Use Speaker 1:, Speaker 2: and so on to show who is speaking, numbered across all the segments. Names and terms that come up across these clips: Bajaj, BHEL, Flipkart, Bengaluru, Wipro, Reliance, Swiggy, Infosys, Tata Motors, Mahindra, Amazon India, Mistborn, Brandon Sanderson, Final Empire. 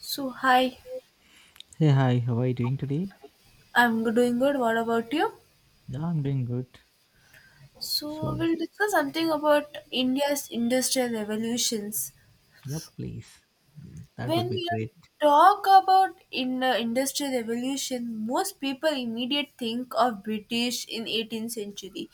Speaker 1: So, hi,
Speaker 2: Hey, hi, how are you doing today?
Speaker 1: I'm doing good. What about you?
Speaker 2: Yeah, I'm doing good.
Speaker 1: So,
Speaker 2: So,
Speaker 1: we'll discuss something about India's industrial revolutions.
Speaker 2: yeah, please. That
Speaker 1: When
Speaker 2: would be
Speaker 1: you
Speaker 2: great.
Speaker 1: talk about in industrial revolution, most people immediate think of british in 18th century,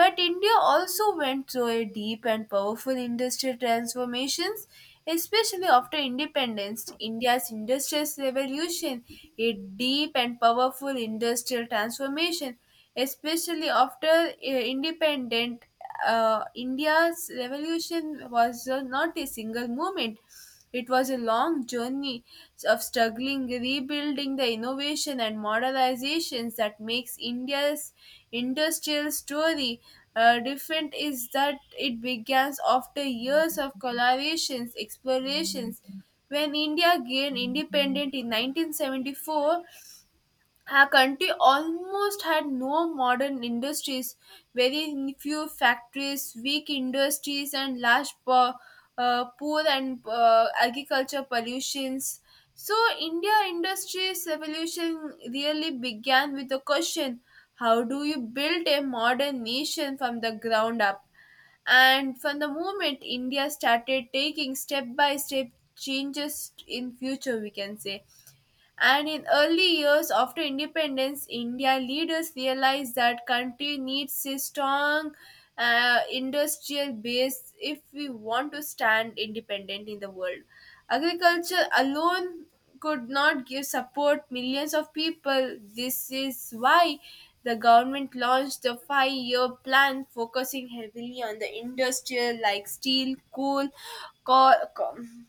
Speaker 1: but india also went through a deep and powerful industrial transformations, especially after independence. India's industrial revolution, a deep and powerful industrial transformation, especially after independent. India's revolution was not a single movement, it was a long journey of struggling, rebuilding the innovation and modernizations that makes India's industrial story different is that it begins after years of collaborations, explorations. When India gained independence in 1974, our country almost had no modern industries, very few factories, weak industries, and poor and agriculture pollutions. So, India industries revolution really began with the question: how do you build a modern nation from the ground up? And from the moment india started taking step by step changes in future, we can say. And in early years after independence, India leaders realized that country needs a strong industrial base if we want to stand independent in the world. Agriculture alone could not give support millions of people. This is why the government launched a 5-year plan focusing heavily on the industrial, like steel, coal,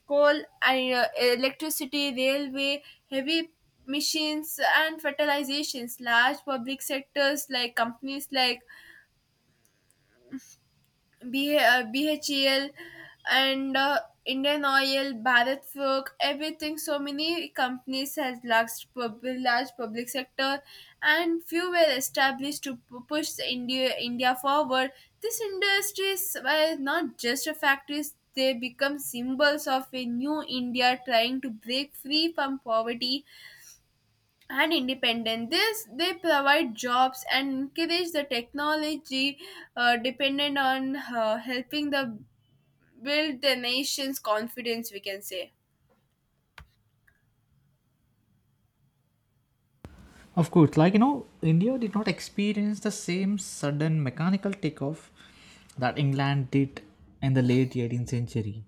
Speaker 1: coal and electricity, railway, heavy machines and fertilizations large public sectors like companies like BHEL and Indian Oil, Bharat Forge, everything. So many companies has large public sector, and few were established to push the India forward. These industries were not just a factories; they become symbols of a new India trying to break free from poverty and independent. This they provide jobs and encourage the technology dependent on helping the build the nation's confidence, we can say.
Speaker 2: Of course, like you know, India did not experience the same sudden mechanical takeoff that England did in the late 18th century.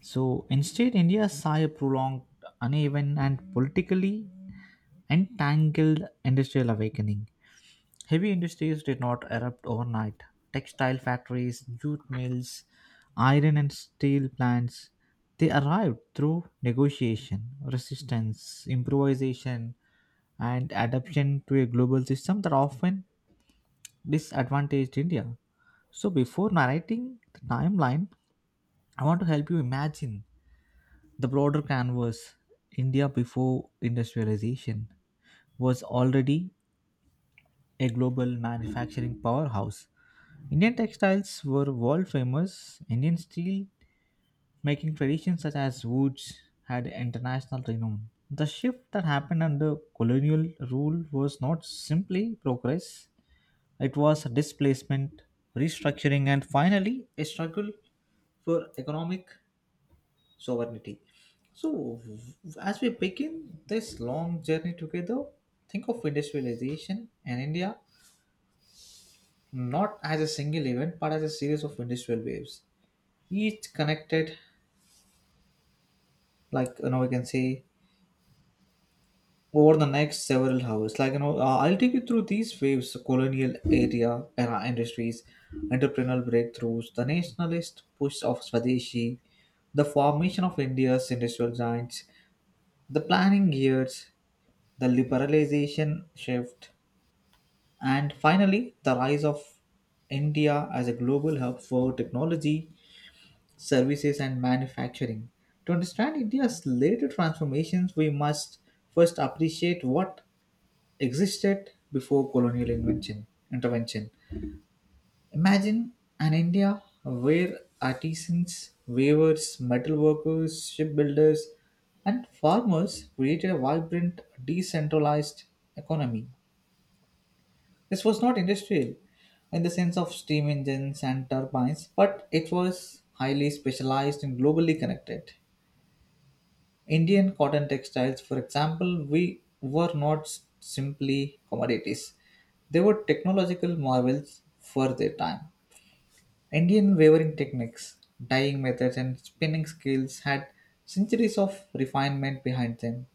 Speaker 2: So, instead, India saw a prolonged, uneven, and politically entangled industrial awakening. Heavy industries did not erupt overnight. Textile factories, jute mills, iron and steel plants, they arrived through negotiation, resistance, improvisation, and adaptation to a global system that often disadvantaged India. So, before narrating the timeline, I want to help you imagine the broader canvas. India before industrialization was already a global manufacturing powerhouse. Indian textiles were world famous. Indian steel making traditions such as woods had international renown. The shift that happened under colonial rule was not simply progress, it was displacement, restructuring, and finally a struggle for economic sovereignty. So, as we begin this long journey together, think of industrialization in India not as a single event but as a series of industrial waves each connected, like you know we can say. Over the next several hours, like you know I'll take you through these waves: colonial area era industries, entrepreneurial breakthroughs, the nationalist push of swadeshi, the formation of India's industrial giants, the planning years, the liberalization shift, and finally the rise of India as a global hub for technology, services, and manufacturing. To understand India's later transformations, we must first appreciate what existed before colonial invention, intervention. Imagine an India where artisans, weavers, metal workers, shipbuilders, and farmers created a vibrant, decentralized economy. This was not industrial in the sense of steam engines and turbines, but it was highly specialized and globally connected. Indian cotton textiles, for example, we were not simply commodities. They were technological marvels for their time. Indian weaving techniques, dyeing methods, and spinning skills had centuries of refinement behind them.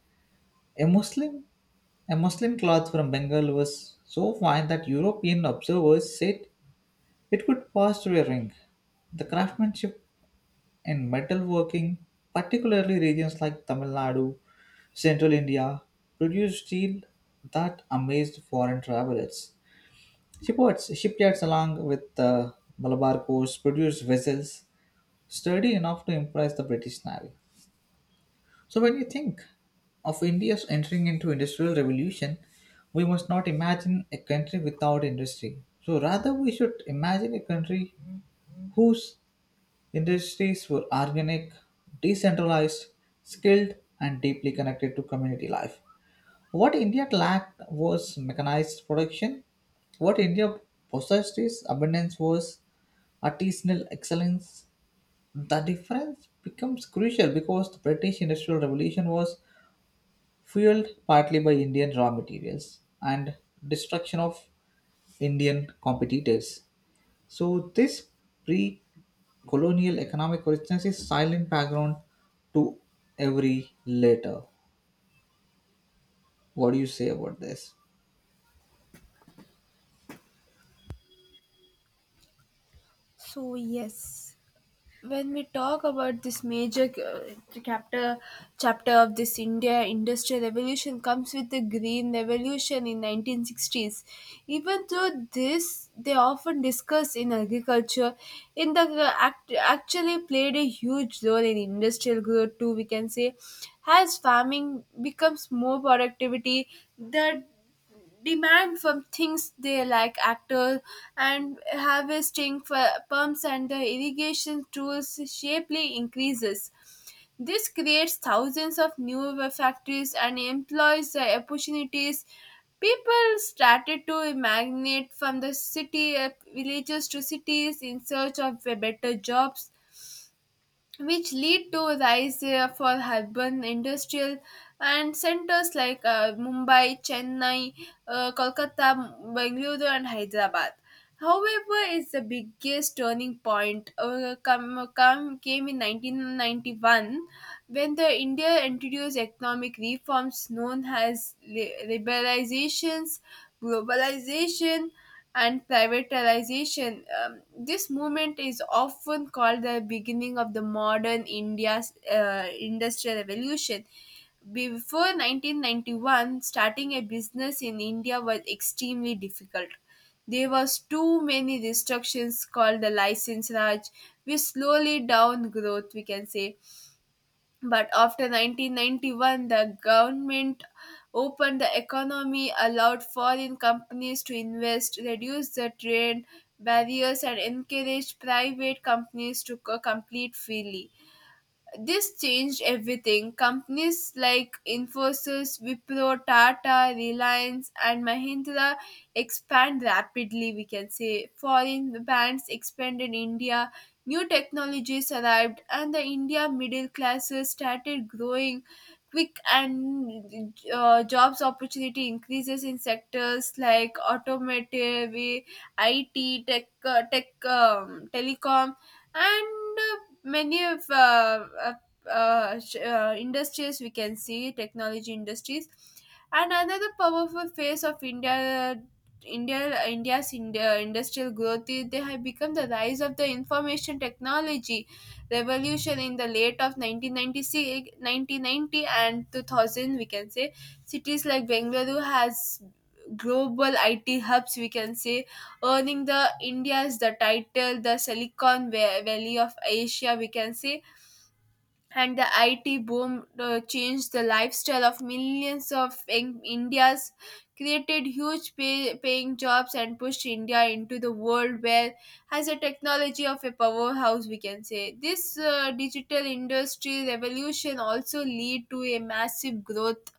Speaker 2: A Muslim, a Muslim cloth from Bengal was so fine that European observers said it could pass through a ring. The craftsmanship in metalworking, particularly regions like Tamil Nadu, central India, produced steel that amazed foreign travelers. Shipyards along with the Malabar coast, produced vessels sturdy enough to impress the British Navy. So when you think of India's entering into industrial revolution, we must not imagine a country without industry. So rather we should imagine a country whose industries were organic, decentralized, skilled, and deeply connected to community life. What India lacked was mechanized production. What India possessed is abundance was artisanal excellence. The difference becomes crucial because the British Industrial Revolution was fueled partly by Indian raw materials and destruction of Indian competitors. So this pre colonial economic richness is silent background to every later. What do you say about this?
Speaker 1: So, yes. When we talk about this major chapter chapter of this india industrial revolution comes with the green revolution in 1960s, even though this they often discuss in agriculture actually played a huge role in industrial growth too, we can say. As farming becomes more productivity, that demand for things they like actors and harvesting for pumps and the irrigation tools sharply increases. This creates thousands of new factories and employs the opportunities. People started to immigrate from the city villages to cities in search of better jobs, which lead to rise for urban industrial and centers like Mumbai, Chennai, Kolkata, Bangalore, and Hyderabad. However, is the biggest turning point came in 1991, when the India introduced economic reforms known as liberalizations, globalization, and privatization. This movement is often called the beginning of the modern India's industrial revolution. Before 1991, starting a business in India was extremely difficult. There was too many restrictions called the license raj, which slowly down growth, we can say. But after 1991, the government opened the economy, allowed foreign companies to invest, reduced the trade barriers, and encouraged private companies to compete freely. This changed everything. Companies like Infosys, Wipro, Tata, Reliance, and Mahindra expand rapidly, we can say. Foreign brands expanded India, new technologies arrived, and the India middle classes started growing quick and jobs opportunity increases in sectors like automotive, IT, tech telecom, and many of uh, uh, industries, we can see technology industries. And another powerful phase of india India, India's India industrial growth is they have become the rise of the information technology revolution in the late of 1996, 1990, and 2000, we can say. Cities like Bengaluru has global IT hubs, we can say, earning the India's the title, the Valley of Asia, we can say. And the IT boom changed the lifestyle of millions of Indians, created paying jobs, and pushed India into the world where has a technology of a powerhouse, we can say. This digital industry revolution also lead to a massive growth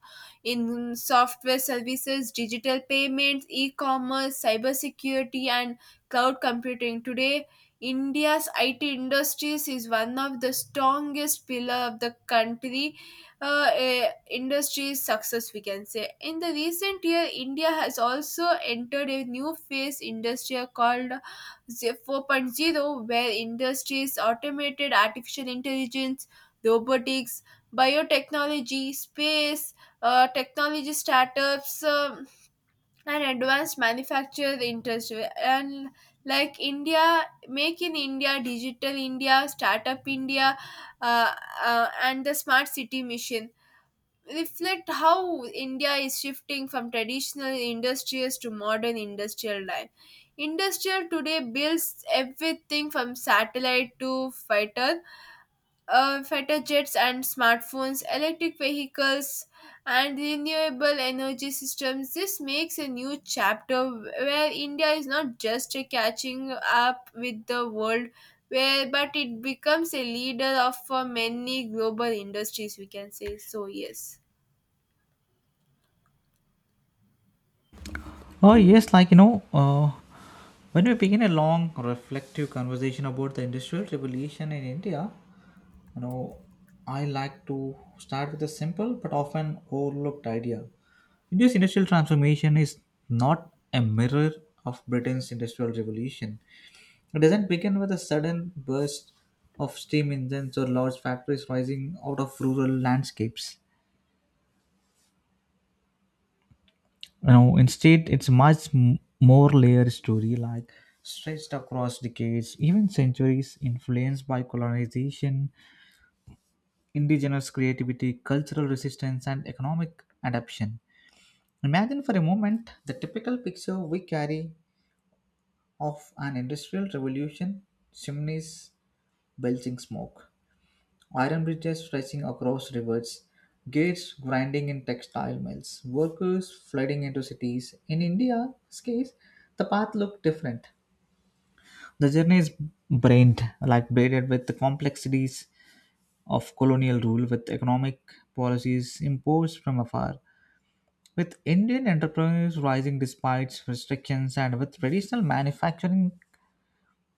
Speaker 1: in software services, digital payments, e-commerce, cybersecurity, and cloud computing. Today India's IT industries is one of the strongest pillar of the country industry's success, we can say. In the recent year, india has also entered a new phase industry called four point zero, where industries automated artificial intelligence, robotics, biotechnology, space technology startups, and advanced manufactured industry and like india, make in india, digital india, startup india, uh, and the smart city mission, reflect how india is shifting from traditional industries to modern industrial life. Industrial today builds everything from satellite to fighter jets and smartphones, electric vehicles, and renewable energy systems. This makes a new chapter where India is not just a catching up with the world, where but it becomes a leader of many global industries, we can say. So, yes.
Speaker 2: Oh yes, like you know, when we begin a long reflective conversation about the industrial revolution in India, you know, I like to start with a simple but often overlooked idea. India's industrial transformation is not a mirror of Britain's industrial revolution. It doesn't begin with a sudden burst of steam engines or large factories rising out of rural landscapes. You know, instead, it's much more layered story, like stretched across decades, even centuries, influenced by colonization, indigenous creativity, cultural resistance, and economic adaptation. Imagine for a moment the typical picture we carry of an industrial revolution: chimneys belching smoke, iron bridges stretching across rivers, gates grinding in textile mills, workers flooding into cities. In India's case, the path looked different. The journey is brained, like braided with the complexities of colonial rule, with economic policies imposed from afar, with Indian entrepreneurs rising despite restrictions, and with traditional manufacturing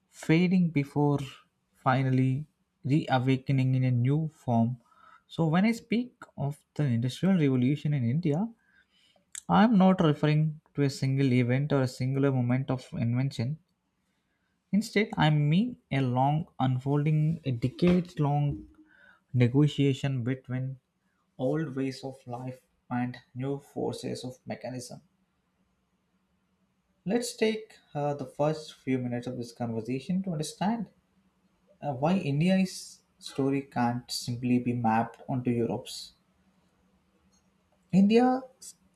Speaker 2: fading before finally reawakening in a new form. So, when I speak of the Industrial Revolution in India, I am not referring to a single event or a singular moment of invention. Instead, I mean a long unfolding, a decade long negotiation between old ways of life and new forces of mechanism. Let's take the first few minutes of this conversation to understand why India's story can't simply be mapped onto Europe's. India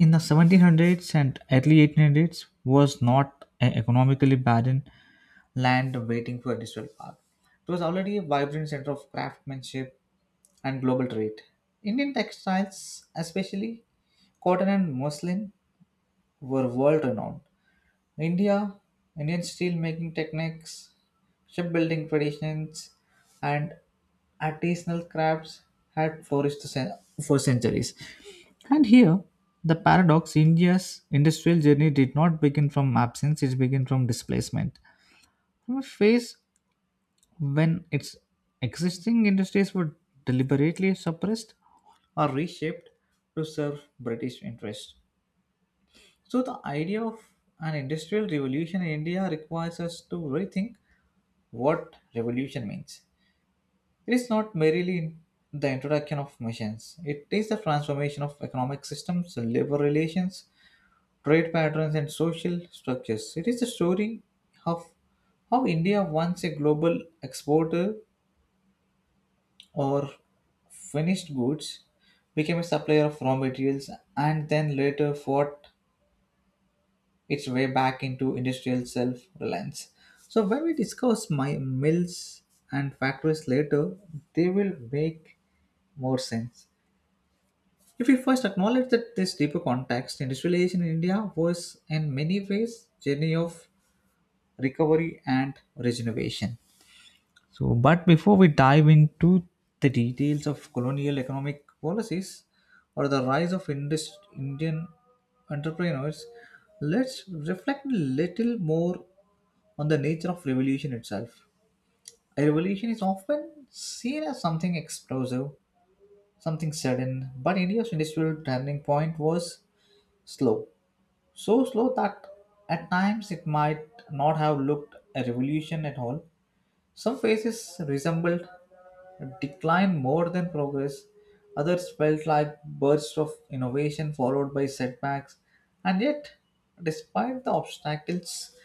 Speaker 2: in the 1700s and early 1800s was not an economically barren land waiting for a digital power. It was already a vibrant center of craftsmanship and global trade. Indian textiles, especially cotton and muslin, were world renowned. India, Indian steel making techniques, shipbuilding traditions, and artisanal crafts had flourished for centuries. And here, the paradox: India's industrial journey did not begin from absence, it began from displacement. From a phase when its existing industries were deliberately suppressed or reshaped to serve British interests. So, the idea of an industrial revolution in India requires us to rethink what revolution means. It is not merely the introduction of machines, it is the transformation of economic systems, labor relations, trade patterns, and social structures. It is the story of how India, once a global exporter of finished goods, became a supplier of raw materials and then later fought its way back into industrial self reliance. So, when we discuss my mills and factories later, they will make more sense. If we first acknowledge that this deeper context, industrialization in India was in many ways journey of recovery and regeneration. So, but before we dive into the details of colonial economic policies or the rise of Indian entrepreneurs, let's reflect a little more on the nature of revolution itself. A revolution is often seen as something explosive, something sudden, but India's industrial turning point was slow, so slow that at times it might not have looked a revolution at all. Some phases resembled decline more than progress, others felt like bursts of innovation followed by setbacks, and yet, despite the obstacles,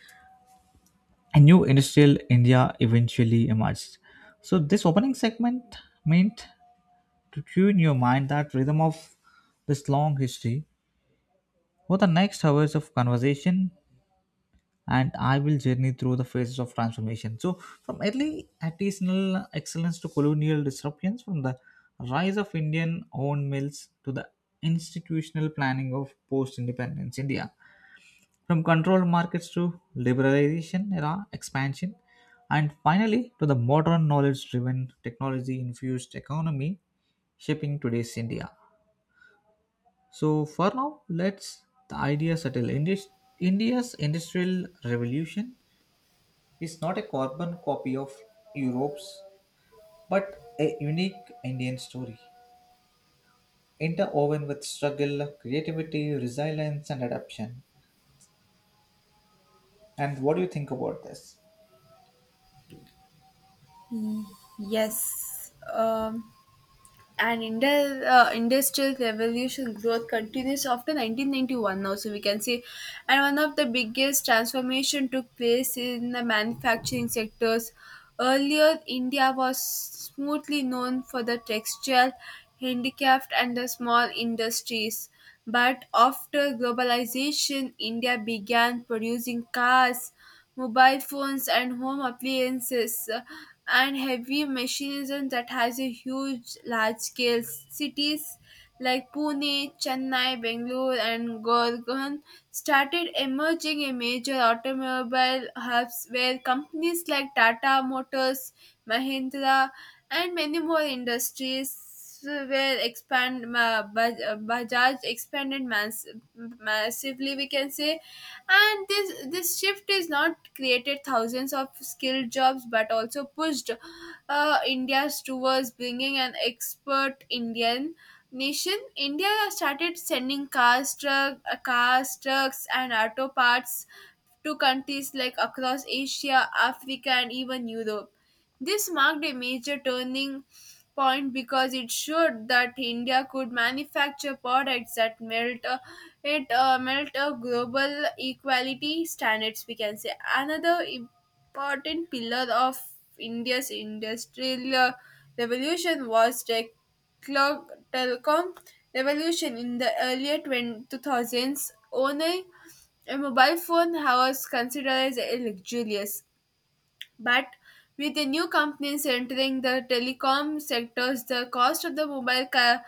Speaker 2: a new industrial India eventually emerged. So, this opening segment meant to tune your mind that rhythm of this long history. For the next hours of conversation, and I will journey through the phases of transformation. So, from early artisanal excellence to colonial disruptions, from the rise of Indian owned mills to the institutional planning of post independence India, from controlled markets to liberalization era expansion, and finally to the modern knowledge driven technology infused economy shaping today's India. So, for now, let's the idea settle. India's industrial revolution is not a carbon copy of Europe's, but a unique Indian story, interwoven with struggle, creativity, resilience, and adaptation. And what do you think about this?
Speaker 1: Yes. And India, industrial revolution growth continues after 1991 now, so we can say. And one of the biggest transformation took place in the manufacturing sectors. Earlier india was smoothly known for the textile, handicraft and the small industries, but after globalization india began producing cars, mobile phones and home appliances, and heavy machinism that has a huge large scale cities like Pune, Chennai, Bangalore and Gorgon started emerging in major automobile hubs, where companies like Tata Motors, Mahindra and many more industries that's where expand Bajaj massively, we can say, and this shift is not created thousands of skilled jobs, but also pushed India's towards bringing an expert Indian nation. India started sending cars, trucks, and auto parts to countries like across Asia, Africa, and even Europe. This marked a major turning point because it showed that India could manufacture products that melt a global equality standards, we can say. Another important pillar of India's industrial revolution was tech clock telecom revolution in the earlier 2000s. Only a mobile phone was considered as a luxurious. But with the new companies entering the telecom sectors, the cost of the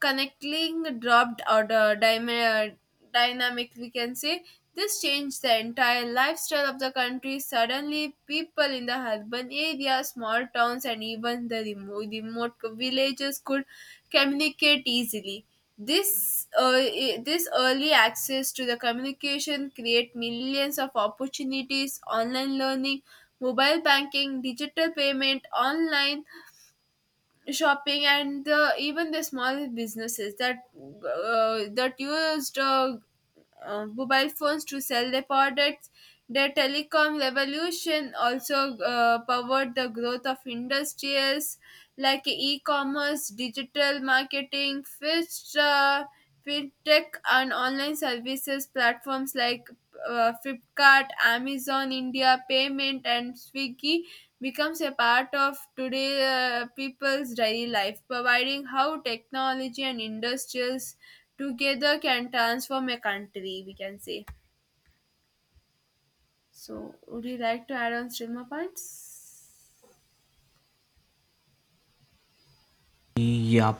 Speaker 1: connecting dropped or the dynamic, we can say. This changed the entire lifestyle of the country. Suddenly, people in the urban areas, small towns, and even the remote villages could communicate easily. This this early access to the communication create millions of opportunities, online learning, mobile banking, digital payment, online shopping, and even the small businesses that used mobile phones to sell their products. The telecom revolution also powered the growth of industries like e-commerce, digital marketing, fintech, and online services platforms like Flipkart, Amazon India, Payment, and Swiggy becomes a part of today people's daily life, providing how technology and industries together can transform a country, we can say. So, would you like to add on still more points?
Speaker 2: Yeah.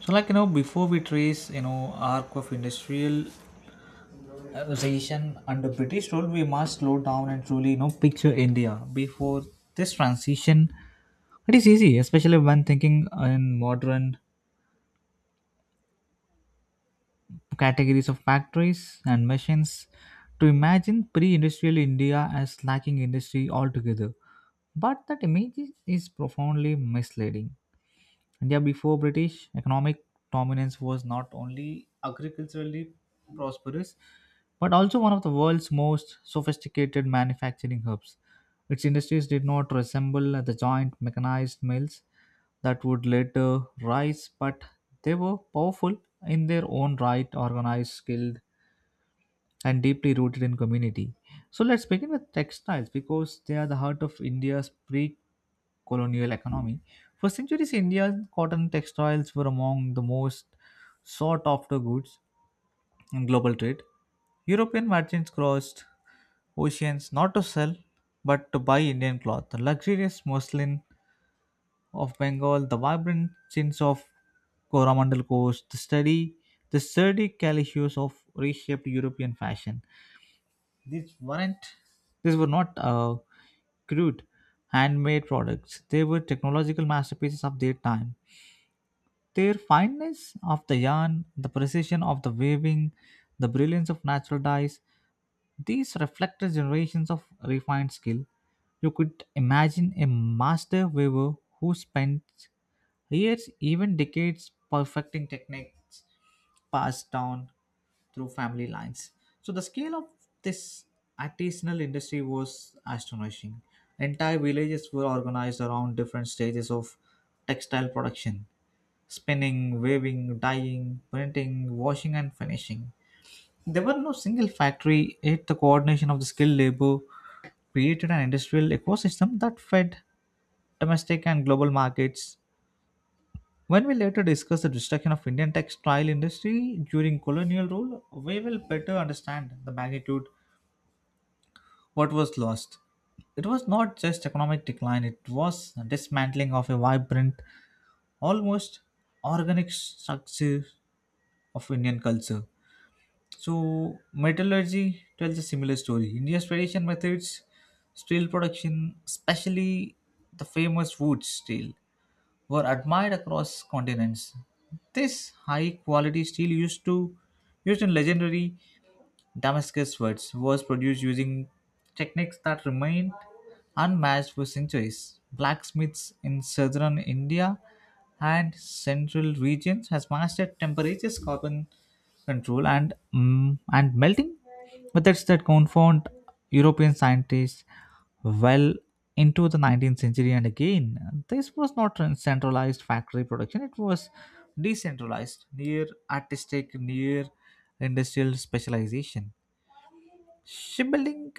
Speaker 2: So, like, you know, before we trace, you know, arc of industrialization under British rule, we must slow down and truly, you know, picture India before this transition. It is easy, especially when thinking in modern categories of factories and machines to imagine pre industrial India as lacking industry altogether. But that image is profoundly misleading. India before British economic dominance was not only agriculturally prosperous but also one of the world's most sophisticated manufacturing hubs. Its industries did not resemble the giant mechanized mills that would later rise, but they were powerful in their own right, organized, skilled, and deeply rooted in community. So let's begin with textiles because they are the heart of India's pre colonial economy. For centuries, India's cotton textiles were among the most sought after goods in global trade. European merchants crossed oceans not to sell but to buy Indian cloth. The luxurious muslin of Bengal, the vibrant chintz of Coromandel Coast, the sturdy calicoes of reshaped European fashion. These weren't These were not crude, handmade products. They were technological masterpieces of their time. Their fineness of the yarn, the precision of the weaving, the brilliance of natural dyes, these reflected generations of refined skill. You could imagine a master weaver who spent years, even decades, perfecting techniques passed down through family lines. So the scale of this artisanal industry was astonishing. Entire villages were organized around different stages of textile production: spinning, weaving, dyeing, printing, washing, and finishing. There were no single factory, yet the coordination of the skilled labor created an industrial ecosystem that fed domestic and global markets. When we later discuss the destruction of Indian textile industry during colonial rule, we will better understand the magnitude what was lost. It was not just economic decline, it was dismantling of a vibrant, almost organic structure of Indian culture. So metallurgy tells a similar story. India's traditional methods, steel production, especially the famous wood steel, were admired across continents. This high quality steel used in legendary Damascus words was produced using techniques that remained unmatched for centuries. Blacksmiths in southern India and central regions has mastered temperatures, carbon control, and melting methods that confound European scientists well into the 19th century. And again, this was not a centralized factory production; it was decentralized, near artistic, near industrial specialization. Shipbuilding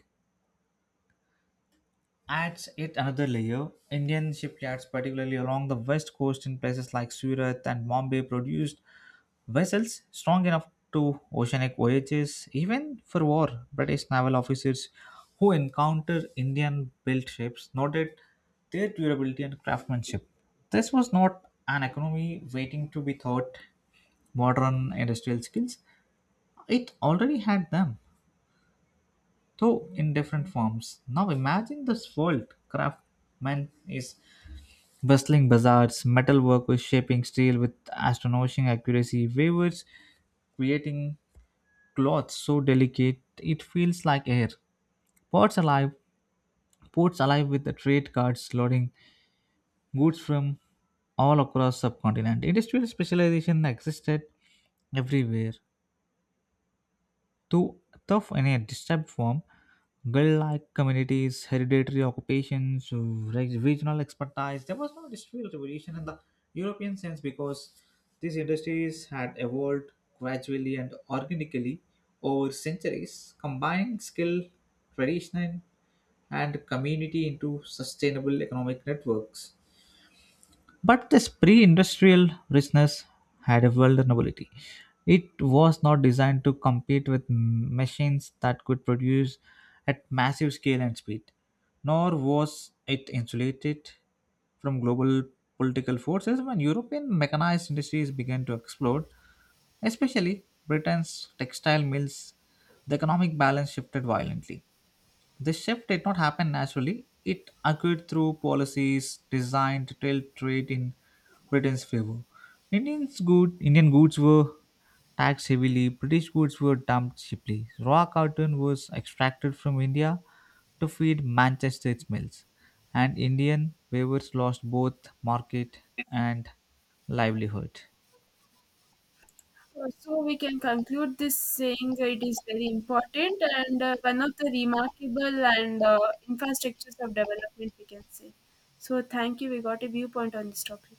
Speaker 2: adds yet another layer. Indian shipyards, particularly along the west coast in places like Surat and Bombay, produced vessels strong enough to oceanic voyages, even for war. British naval officers who encountered Indian built ships noted their durability and craftsmanship. This was not an economy waiting to be taught modern industrial skills, it already had them, though in different forms. Now imagine this world. Craftsman is bustling bazaars, metalwork is shaping steel with astonishing accuracy, weavers creating cloth so delicate it feels like air. Ports alive, ports alive with the trade carts loading goods from all across subcontinent. Industrial specialization existed everywhere, though tough in a disturbed form, guild-like communities, hereditary occupations, regional expertise. There was no industrial revolution in the European sense because these industries had evolved gradually and organically over centuries, combining skill, tradition, and community into sustainable economic networks. But this pre industrial richness had a vulnerability. It was not designed to compete with machines that could produce at massive scale and speed, nor was it insulated from global political forces when European mechanized industries began to explode, especially Britain's textile mills. The economic balance shifted violently. This shift did not happen naturally. It occurred through policies designed to tilt trade in Britain's favor. Indian goods were taxed heavily, British goods were dumped cheaply. Raw cotton was extracted from India to feed Manchester's mills, and Indian weavers lost both market and livelihood.
Speaker 1: So we can conclude this saying it is very important and one of the remarkable and infrastructures of development, we can say. So thank you. We got a viewpoint on this topic.